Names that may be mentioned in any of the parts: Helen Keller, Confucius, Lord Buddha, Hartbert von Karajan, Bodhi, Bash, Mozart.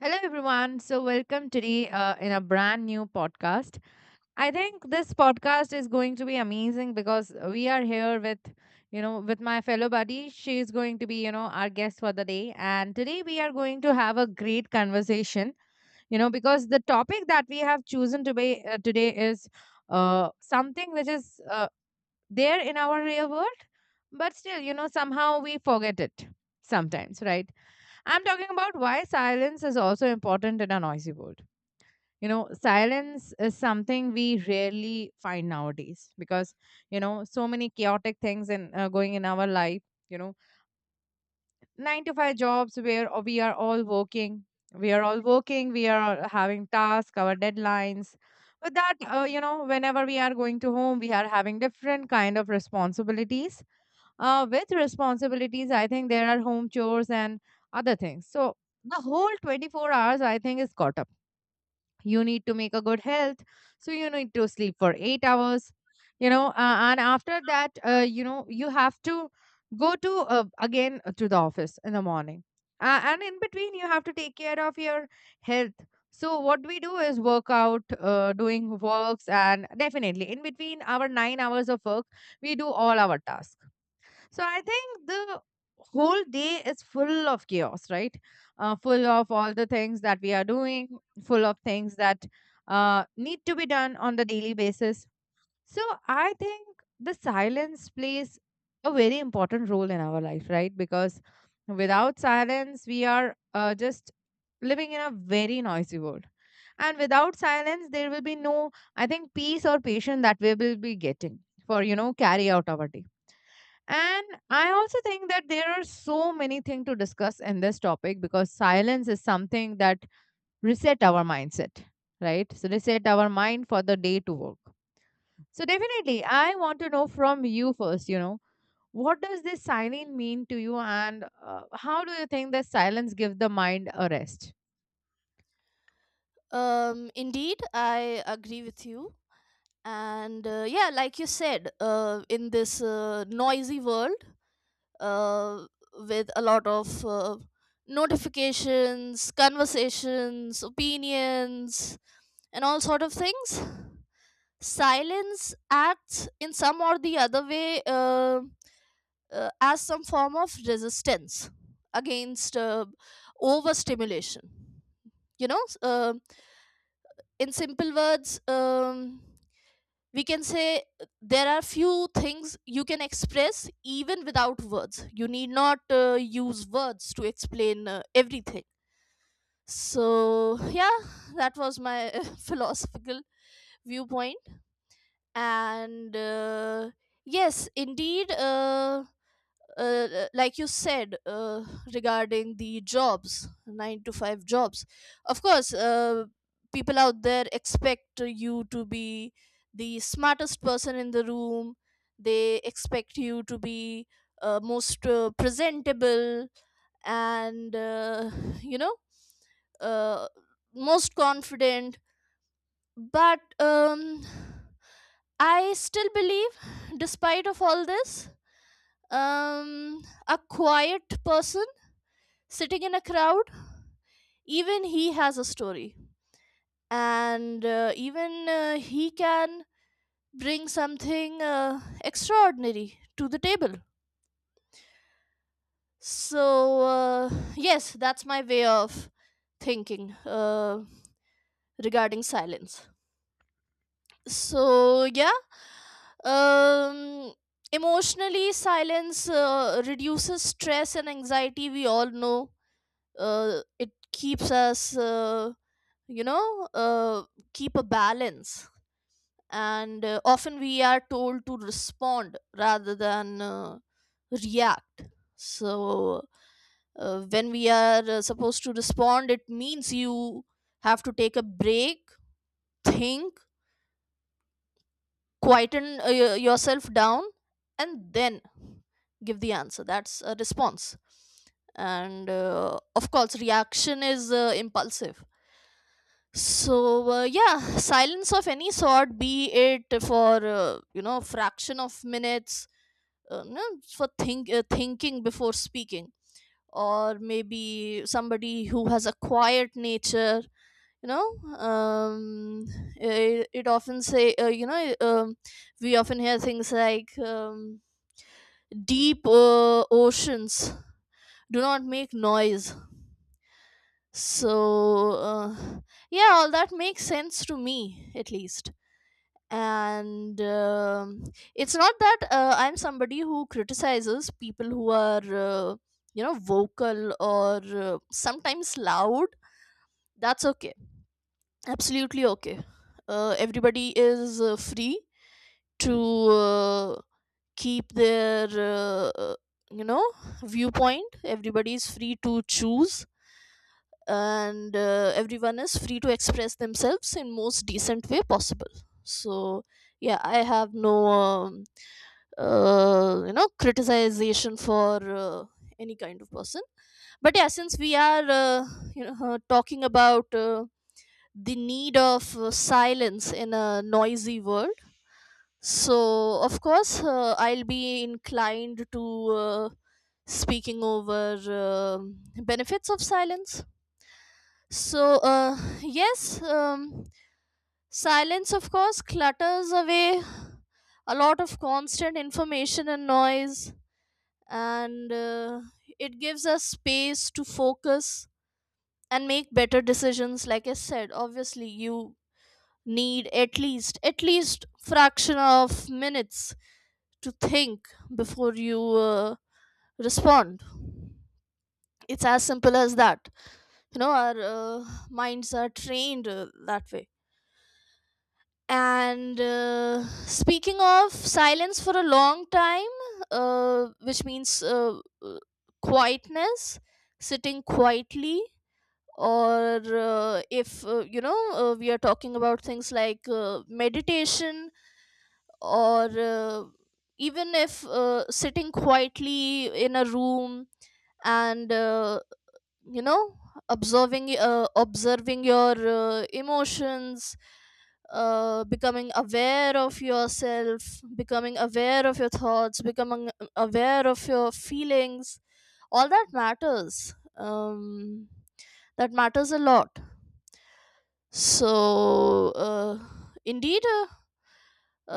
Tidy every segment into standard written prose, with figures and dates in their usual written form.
Hello, everyone. So, welcome today in a brand new podcast. I think this podcast is going to be amazing because we are here with my fellow buddy. She is going to be, our guest for the day. And today we are going to have a great conversation, because the topic that we have chosen to be, today is something which is there in our real world, but still, somehow we forget it sometimes, right? I'm talking about why silence is also important in a noisy world. You know, silence is something we rarely find nowadays because so many chaotic things going in our life. You know, 9 to 5 jobs where We are all working. We are all having tasks, our deadlines. But whenever we are going to home, we are having different kind of responsibilities with responsibilities, I think there are home chores and other things. So the whole 24 hours, I think, is caught up. You need to make a good health. So you need to sleep for eight hours, and after that, you have to go to the office in the morning. And in between, you have to take care of your health. So what we do is work out, doing works, and definitely in between our 9 hours of work, we do all our tasks, so I think the whole day is full of chaos, right? Full of all the things that we are doing, full of things that need to be done on the daily basis. So I think the silence plays a very important role in our life, right? Because without silence, we are just living in a very noisy world. And without silence, there will be no, I think, peace or patience that we will be getting for carry out our day. And I also think that there are so many things to discuss in this topic because silence is something that reset our mindset, right? So reset our mind for the day to work. So definitely, I want to know from you first, what does this silence mean to you, and how do you think that silence gives the mind a rest? Indeed, I agree with you. And yeah, like you said, in this noisy world uh, with a lot of notifications, conversations, opinions, and all sort of things, silence acts in some or the other way as some form of resistance against overstimulation. You know, s- uh, in simple words, we can say there are few things you can express even without words. You need not use words to explain everything. So yeah, that was my philosophical viewpoint. And yes, indeed, like you said, regarding the jobs, 9 to 5 jobs, of course people out there expect you to be the smartest person in the room. They expect you to be most presentable and you know, uh, most confident. But I still believe, despite of all this, a quiet person sitting in a crowd, even he has a story. And even he can bring something extraordinary to the table. So yes, that's my way of thinking regarding silence. So yeah. um Emotionally, silence reduces stress and anxiety, we all know. It keeps us, you know, keep a balance. And often we are told to respond rather than react. So when we are supposed to respond, it means you have to take a break, think, quieten yourself down, and then give the answer. That's a response. And of course, reaction is impulsive. So yeah, silence of any sort, be it for you know, fraction of minutes, no, for thinking before speaking, or maybe somebody who has a quiet nature. You know. um it often say, you know, we often hear things like, deep oceans do not make noise. So yeah, all that makes sense to me at least. And it's not that I'm somebody who criticizes people who are, you know, vocal or sometimes loud. That's okay. Absolutely okay. Everybody is free to keep their you know, viewpoint. Everybody is free to choose, and everyone is free to express themselves in most decent way possible. So yeah, I have no you know, criticization for any kind of person. But yeah, since we are, you know, talking about the need of silence in a noisy world, so of course I'll be inclined to uh, speaking over benefits of silence. So, yes, silence, of course, clutters away a lot of constant information and noise, and it gives us space to focus and make better decisions. Like I said, obviously, you need at least fraction of minutes to think before you respond. It's as simple as that. You know, our minds are trained that way. And speaking of silence for a long time, which means quietness, sitting quietly, or if, you know, we are talking about things like meditation, or even if sitting quietly in a room and, you know, observing your emotions, becoming aware of yourself, becoming aware of your thoughts, becoming aware of your feelings. All that matters, that matters a lot. So indeed, uh,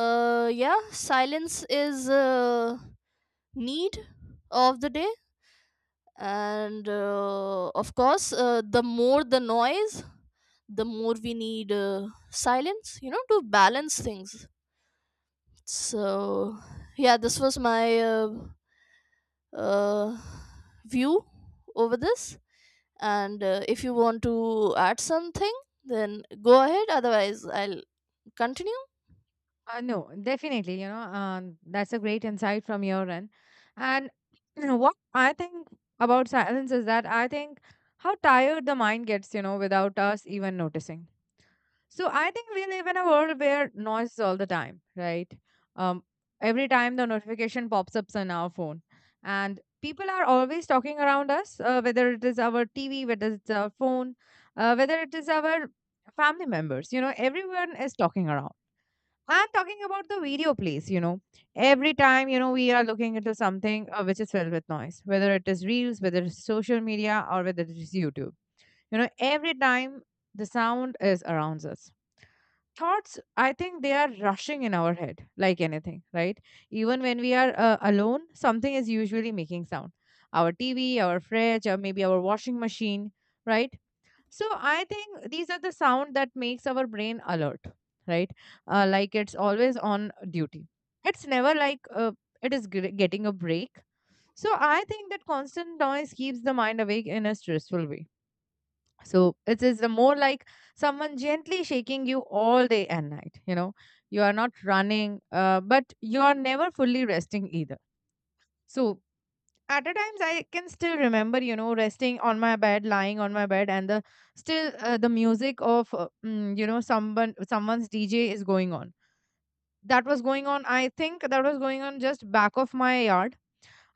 uh, yeah, silence is need of the day. And of course, the more the noise, the more we need silence, you know, to balance things. So yeah, this was my uh, view over this. And if you want to add something, then go ahead, otherwise I'll continue. No, definitely. You know, that's a great insight from your end. And what I think about silence is that I think how tired the mind gets, without us even noticing. So I think we live in a world where noise is all the time, right? Um, every time the notification pops up on our phone, and people are always talking around us, whether it is our TV, whether it's our phone, whether it is our family members. You know, everyone is talking around. I'm talking about the video plays. Every time, we are looking into something which is filled with noise, whether it is reels, whether it's social media, or whether it is YouTube. You know, every time the sound is around us. Thoughts, I think they are rushing in our head like anything, right? Even when we are alone, something is usually making sound. Our TV, our fridge, or maybe our washing machine, right? So I think these are the sound that makes our brain alert, right? Like it's always on duty. It's never like it is getting a break. So I think that constant noise keeps the mind awake in a stressful way. So it is a more like someone gently shaking you all day and night. You know, you are not running, but you are never fully resting either. So at a times I can still remember, resting on my bed, lying on my bed, and the music of someone's DJ is going on, that was going on, I think that was going on just back of my yard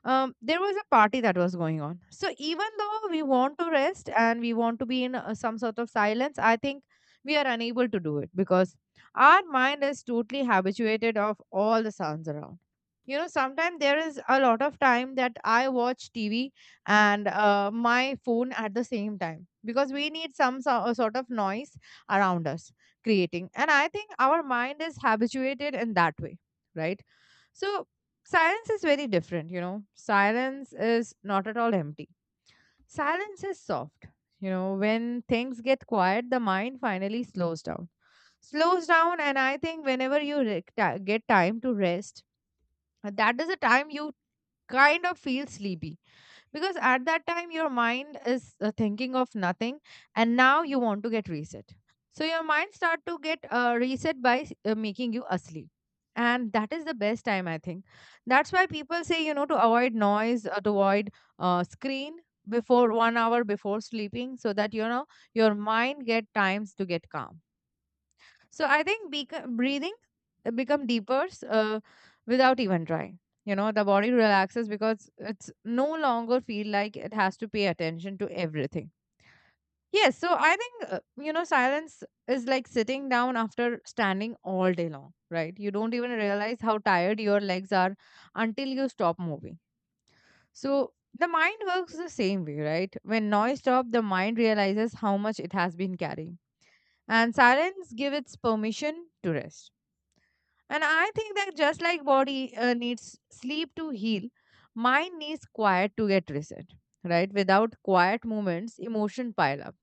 um, there was a party that was going on. So even though we want to rest and we want to be in some sort of silence, I think we are unable to do it because our mind is totally habituated of all the sounds around. You know, sometimes there is a lot of time that I watch TV and my phone at the same time because we need some sort of noise around us creating. And I think our mind is habituated in that way, right? So silence is very different. Silence is not at all empty. Silence is soft. You know, when things get quiet, the mind finally slows down. Slows down, and I think whenever you get time to rest, that is a time you kind of feel sleepy because at that time your mind is thinking of nothing, and now you want to get reset, so your mind start to get reset by making you asleep. And that is the best time, I think. That's why people say to avoid noise, to avoid screen before 1 hour before sleeping, so that your mind get times to get calm. So I think breathing become deeper, without even trying. You know, the body relaxes because it's no longer feel like it has to pay attention to everything. Yes, so I think silence is like sitting down after standing all day long, right? You don't even realize how tired your legs are until you stop moving. So the mind works the same way, right? When noise stops, the mind realizes how much it has been carrying, and silence gives its permission to rest. And I think that just like body needs sleep to heal, mind needs quiet to get reset, right? Without quiet moments, emotion pile up.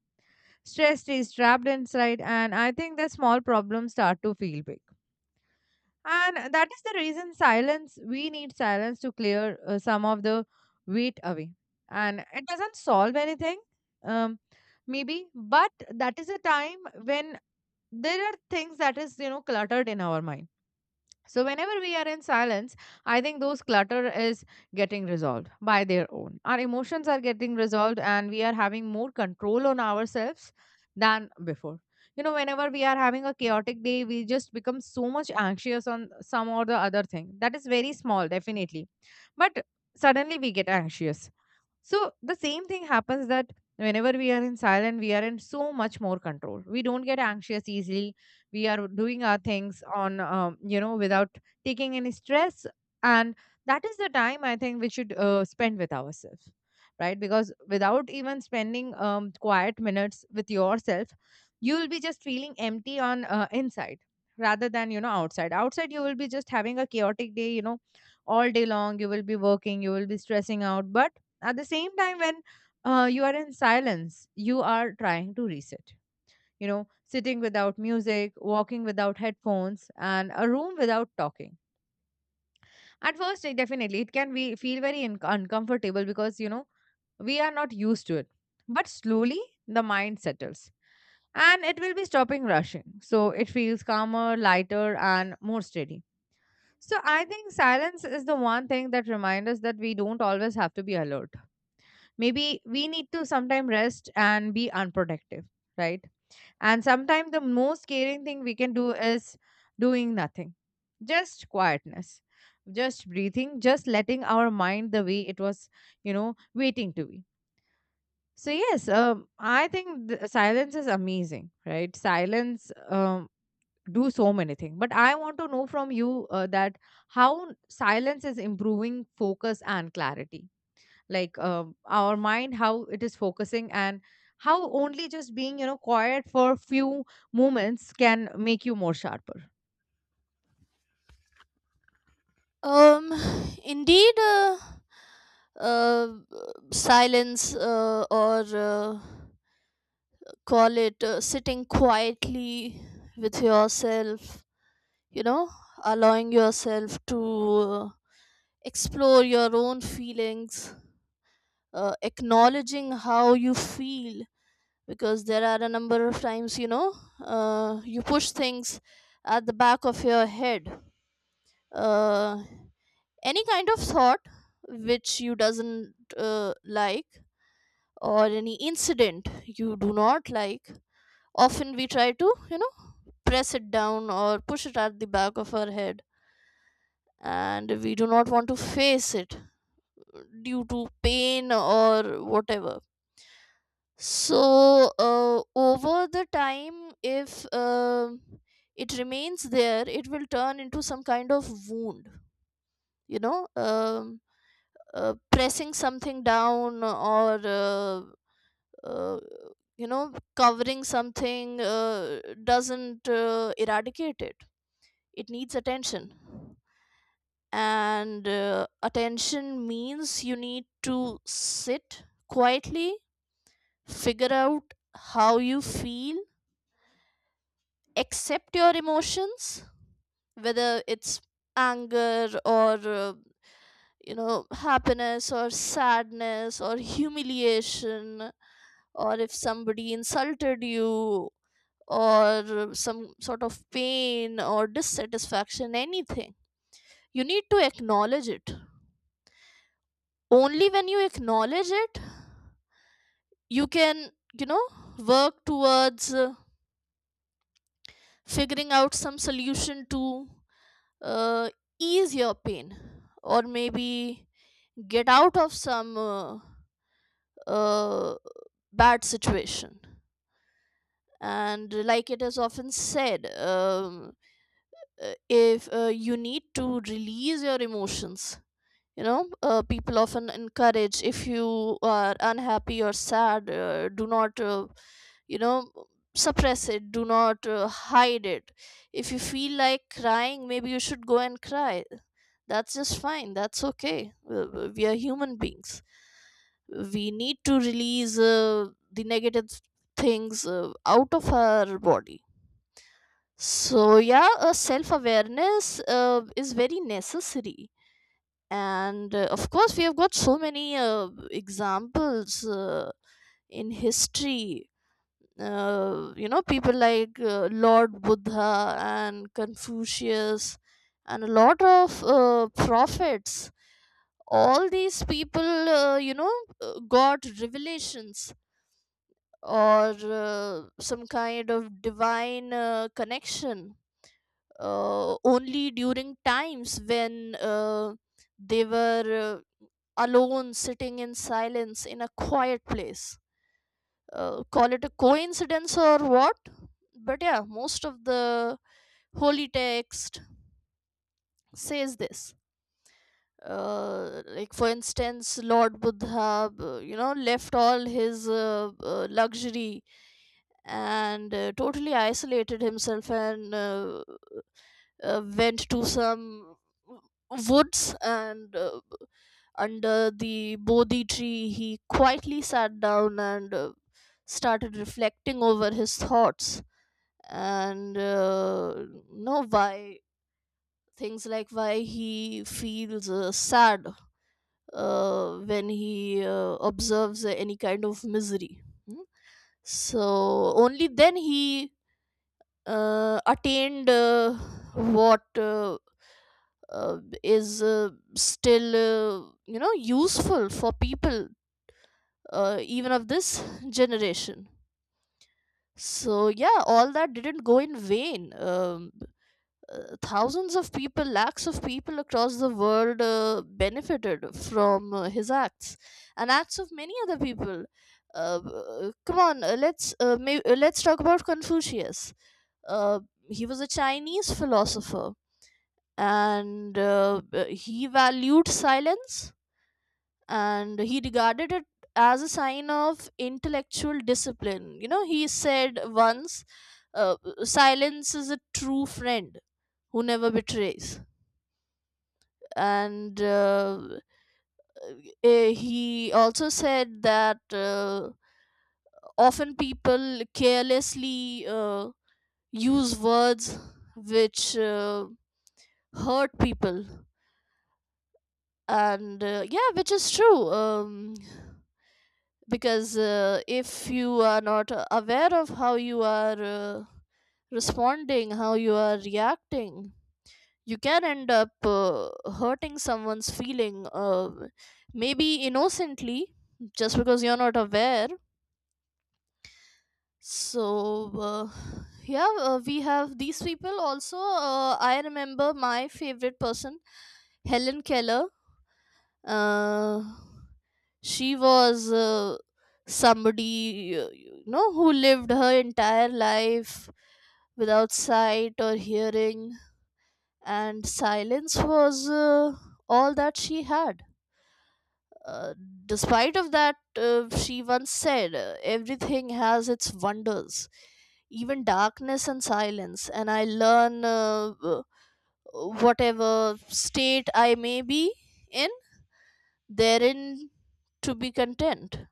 Stress stays trapped inside, and I think that small problems start to feel big. And that is the reason silence, we need silence to clear some of the weight away. And it doesn't solve anything, um, maybe, but that is a time when there are things that is, cluttered in our mind. So, whenever we are in silence, I think those clutter is getting resolved by their own. Our emotions are getting resolved, and we are having more control on ourselves than before. You know, whenever we are having a chaotic day, we just become so much anxious on some or the other thing. That is very small, definitely. But suddenly we get anxious. So the same thing happens that whenever we are in silent, we are in so much more control. We don't get anxious easily. We are doing our things on, without taking any stress. And that is the time I think we should spend with ourselves, right? Because without even spending quiet minutes with yourself, you will be just feeling empty on inside, rather than outside. You will be just having a chaotic day. All day long you will be working, you will be stressing out, but at the same time, when you are in silence, you are trying to reset. You know, sitting without music, walking without headphones, and a room without talking, at first it definitely it can be feel very uncomfortable because we are not used to it. But slowly the mind settles, and it will be stopping rushing, so it feels calmer, lighter, and more steady. So I think silence is the one thing that reminds us that we don't always have to be alert. Maybe we need to sometime rest and be unproductive, right? And sometimes the most caring thing we can do is doing nothing, just quietness, just breathing, just letting our mind the way it was, waiting to be. So yes, I think silence is amazing, right? Silence do so many things, but I want to know from you that how silence is improving focus and clarity, like our mind how it is focusing, and how only just being quiet for few moments can make you more sharper. um indeed uh, silence, or call it sitting quietly with yourself, you know, allowing yourself to explore your own feelings, acknowledging how you feel, because there are a number of times, you know, you push things at the back of your head. Uh, any kind of thought which you doesn't like, or any incident you do not like, often we try to, you know, press it down or push it at the back of our head, and we do not want to face it due to pain or whatever. So over the time, if it remains there, it will turn into some kind of wound. You know, pressing something down or, uh, you know, covering something, doesn't eradicate it. It needs attention. And attention means you need to sit quietly, figure out how you feel, accept your emotions, whether it's anger or, you know, happiness or sadness or humiliation, or if somebody insulted you, or some sort of pain or dissatisfaction, anything. You need to acknowledge it. Only when you acknowledge it, you can, you know, work towards figuring out some solution to uh, ease your pain, or maybe get out of some uh, bad situation. And like it is often said, if you need to release your emotions, you know, people often encourage, if you are unhappy or sad, do not, you know, suppress it. Do not hide it. If you feel like crying, maybe you should go and cry. That's just fine. That's okay. We are human beings. We need to release the negative things out of our body. So yeah, self awareness is very necessary. And of course, we have got so many examples in history. You know, people like Lord Buddha and Confucius and a lot of prophets, all these people, you know, got revelations or some kind of divine connection only during times when they were alone, sitting in silence in a quiet place. Call it a coincidence or what? But yeah, most of the holy text says this. Like for instance, Lord Buddha, you know, left all his luxury and totally isolated himself and went to some woods and, under the Bodhi tree, he quietly sat down and started reflecting over his thoughts and, you know, why, things like why he feels sad when he observes any kind of misery. Hmm? So only then he attained what is still, you know, useful for people even of this generation. So yeah, all that didn't go in vain. Thousands of people, lakhs of people across the world benefited from his acts and acts of many other people. Come on, let's talk about Confucius. uh, he was a Chinese philosopher, and he valued silence, and he regarded it as a sign of intellectual discipline. You know, he said once, uh, silence is a true friend who never betrays. And he also said that often people carelessly use words which hurt people. And yeah, which is true. Because if you are not aware of how you are responding, how you are reacting, you can end up hurting someone's feeling, maybe innocently, just because you're not aware. So uh, yeah, we have these people also. I remember my favorite person, Helen Keller. uh, she was somebody, you know, who lived her entire life without sight or hearing, and silence was all that she had. uh, Despite of that, she once said, everything has its wonders, even darkness and silence, and I learn, whatever state I may be in, therein to be content.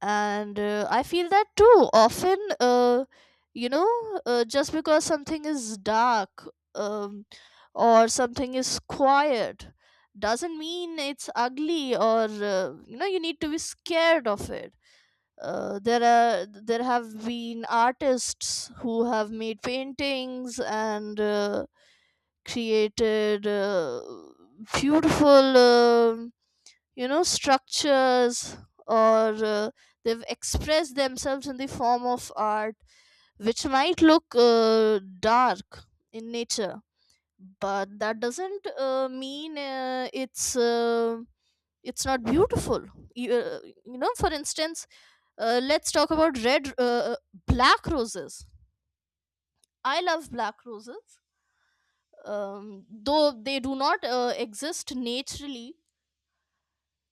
And I feel that too often, you know, just because something is dark, um, or something is quiet, doesn't mean it's ugly or, you know, you need to be scared of it. There have been artists who have made paintings and created beautiful you know, structures, or they've expressed themselves in the form of art which might look dark in nature, but that doesn't mean it's not beautiful. you, uh, you know, for instance, let's talk about red black roses. I love black roses. Though they do not exist naturally,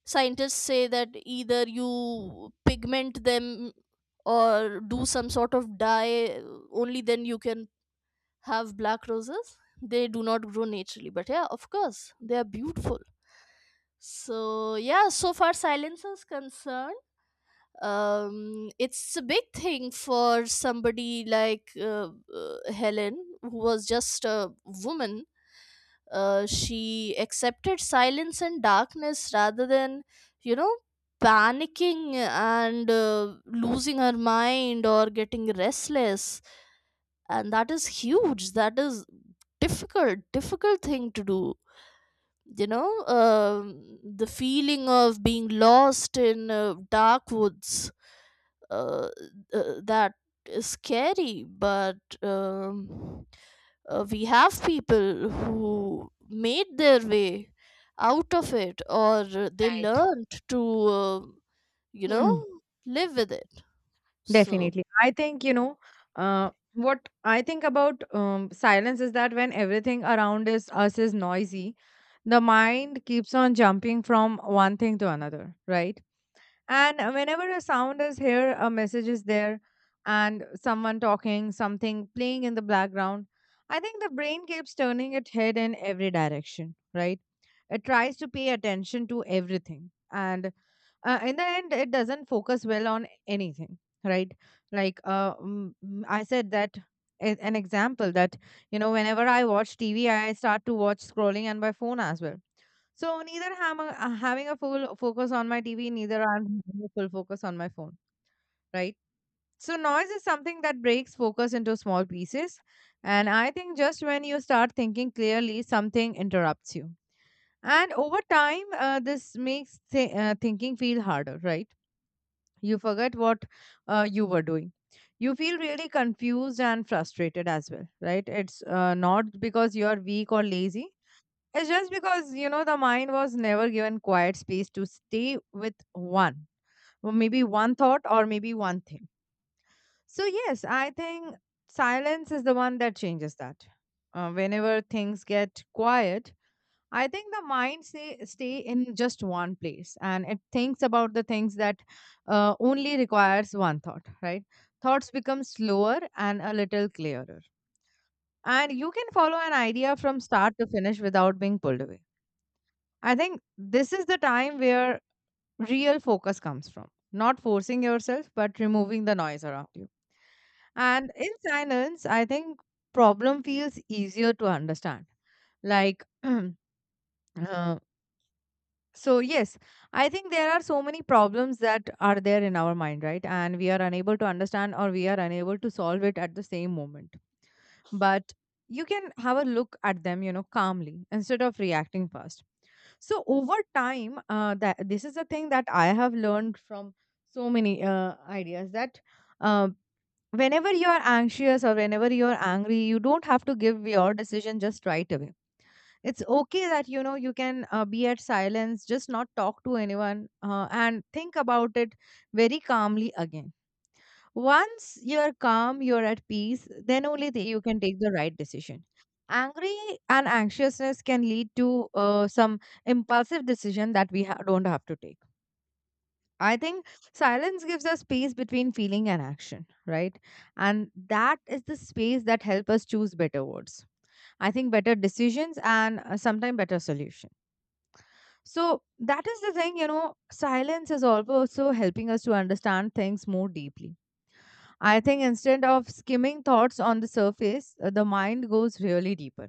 scientists say that either you pigment them or do some sort of dye, only then you can have black roses. They do not grow naturally, but yeah, of course they are beautiful. So yeah, so far silence is concerned, it's a big thing for somebody like Helen, who was just a woman. She accepted silence and darkness rather than, you know, panicking and losing her mind or getting restless. And that is huge. That is difficult, difficult thing to do. You know, the feeling of being lost in dark woods, uh, that is scary. But um, we have people who made their way out of it, or they Right. learned to uh, you know, Mm, live with it. So definitely I think, what I think about silence is that when everything around us is noisy, the mind keeps on jumping from one thing to another, right? And whenever a sound is here, a message is there, and someone talking, something playing in the background, I think the brain keeps turning its head in every direction, right? It tries to pay attention to everything. And in the end, it doesn't focus well on anything, right? Like I said that an example that, whenever I watch TV, I start to watch scrolling and my phone as well, so neither am I having a full focus on my TV, neither I'm having a full focus on my phone, right? So noise is something that breaks focus into small pieces. And I think just when you start thinking clearly, something interrupts you. And over time, this makes thinking feel harder, right? You forget what you were doing. You feel really confused and frustrated as well, right? It's not because you are weak or lazy, it's just because, you know, the mind was never given quiet space to stay with one, or maybe one thought or maybe one thing. So, yes, I think silence is the one that changes that. Whenever things get quiet, I think the mind say, stay in just one place and it thinks about the things that only requires one thought, right? Thoughts become slower and a little clearer. And you can follow an idea from start to finish without being pulled away. I think this is the time where real focus comes from, not forcing yourself, but removing the noise around you. And in silence, I think problem feels easier to understand. Like, uh, so yes, I think there are so many problems that are there in our mind, right? And we are unable to understand or we are unable to solve it at the same moment, but you can have a look at them, you know, calmly instead of reacting fast. So over time, that this is a thing that I have learned from so many ideas that uh, whenever you are anxious or whenever you are angry, you don't have to give your decision just right away. It's okay that, you know, you can be at silence, just not talk to anyone, and think about it very calmly again. Once you're calm, you're at peace, then only the, you can take the right decision. Angry and anxiousness can lead to some impulsive decision that we don't have to take. I think silence gives us space between feeling and action, right? And that is the space that help us choose better words. I think better decisions and sometimes better solution. So that is the thing, you know, silence is also so helping us to understand things more deeply. I think instead of skimming thoughts on the surface, the mind goes really deeper.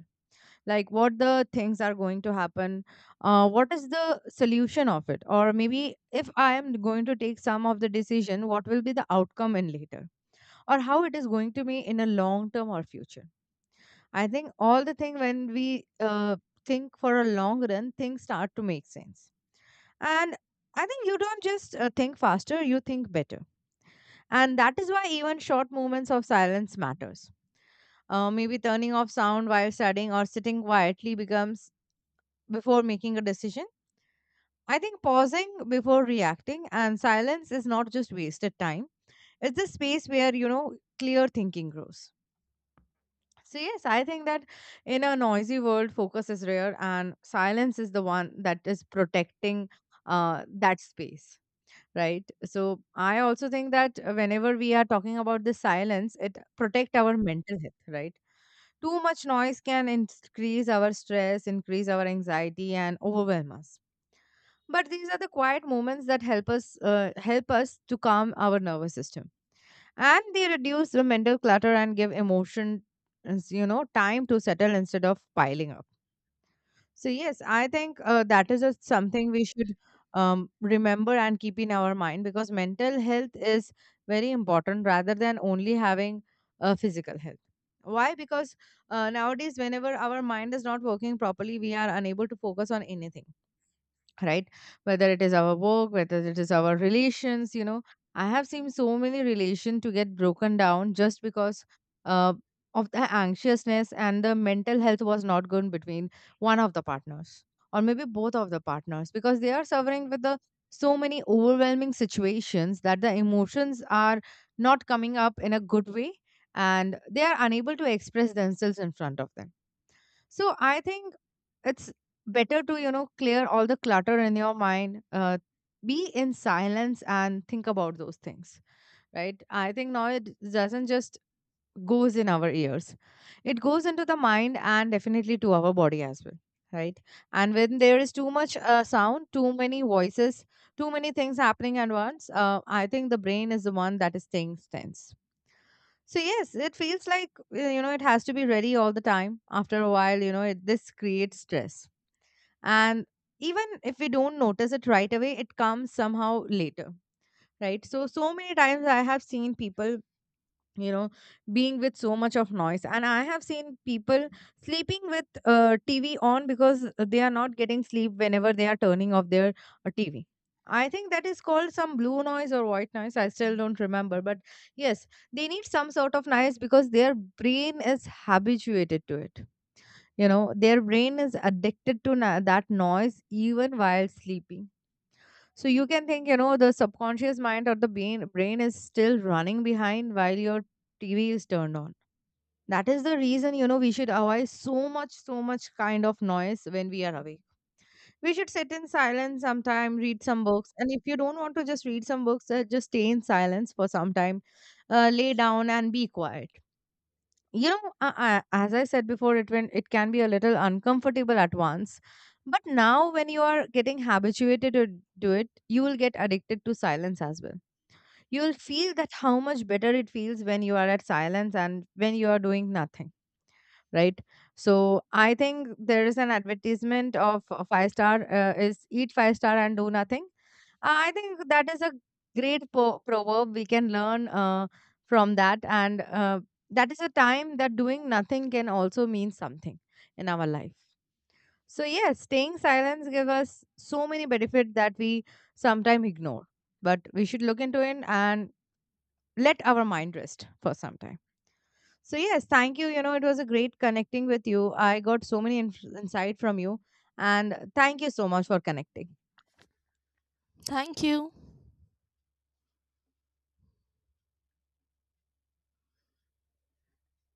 Like what the things are going to happen, what is the solution of it, or maybe if I am going to take some of the decision, what will be the outcome in later, or how it is going to be in a long term or future. I think all the thing when we think for a long run, things start to make sense. And I think you don't just think faster, you think better, and that is why even short moments of silence matters. Maybe turning off sound while studying or sitting quietly becomes before making a decision. I think pausing before reacting and silence is not just wasted time. It's a space where, you know, clear thinking grows. So, yes, I think that in a noisy world, focus is rare and silence is the one that is protecting that space, right? So, I also think that whenever we are talking about the silence, it protect our mental health, right? Too much noise can increase our stress, increase our anxiety, and overwhelm us. But these are the quiet moments that help us help us to calm our nervous system, and they reduce the mental clutter and give emotion, you know, time to settle instead of piling up. So yes, I think that is just something we should remember and keep in our mind because mental health is very important rather than only having physical health. Why? Because nowadays, whenever our mind is not working properly, we are unable to focus on anything, right? Whether it is our work, whether it is our relations, you know, I have seen so many relation to get broken down just because uh, of the anxiousness and the mental health was not good between one of the partners or maybe both of the partners because they are suffering with the so many overwhelming situations that the emotions are not coming up in a good way, and they are unable to express themselves in front of them. So I think it's better to, you know, clear all the clutter in your mind, be in silence and think about those things, right? I think now it doesn't just goes in our ears, it goes into the mind and definitely to our body as well, right? And when there is too much sound, too many voices, too many things happening at once, I think the brain is the one that is staying tense. So yes, it feels like, you know, it has to be ready all the time. After a while, you know this creates stress. And even if we don't notice it right away, it comes somehow later, right? So so many times I have seen people, you know, being with so much of noise, and I have seen people sleeping with TV on because they are not getting sleep whenever they are turning off their TV. I think that is called some blue noise or white noise, I still don't remember, but yes, they need some sort of noise because their brain is habituated to it. You know, their brain is addicted to that noise even while sleeping. So you can think, you know, the subconscious mind or the brain is still running behind while your TV is turned on. That is the reason, you know, we should avoid so much, so much kind of noise when we are awake. We should sit in silence sometime, read some books. And if you don't want to just read some books, just stay in silence for some time, lay down and be quiet. You know, as I said before it, when it can be a little uncomfortable at once, but now when you are getting habituated to do it, you will get addicted to silence as well. You will feel that how much better it feels when you are at silence and when you are doing nothing, right? So I think there is an advertisement of a five star, is eat five star and do nothing. I think that is a great proverb we can learn, from that, and that is a time that doing nothing can also mean something in our life. So yes, staying silence give us so many benefits that we sometimes ignore, but we should look into it and let our mind rest for some time. So yes, thank you. You know, it was a great connecting with you. I got so many insight from you, and thank you so much for connecting. thank you.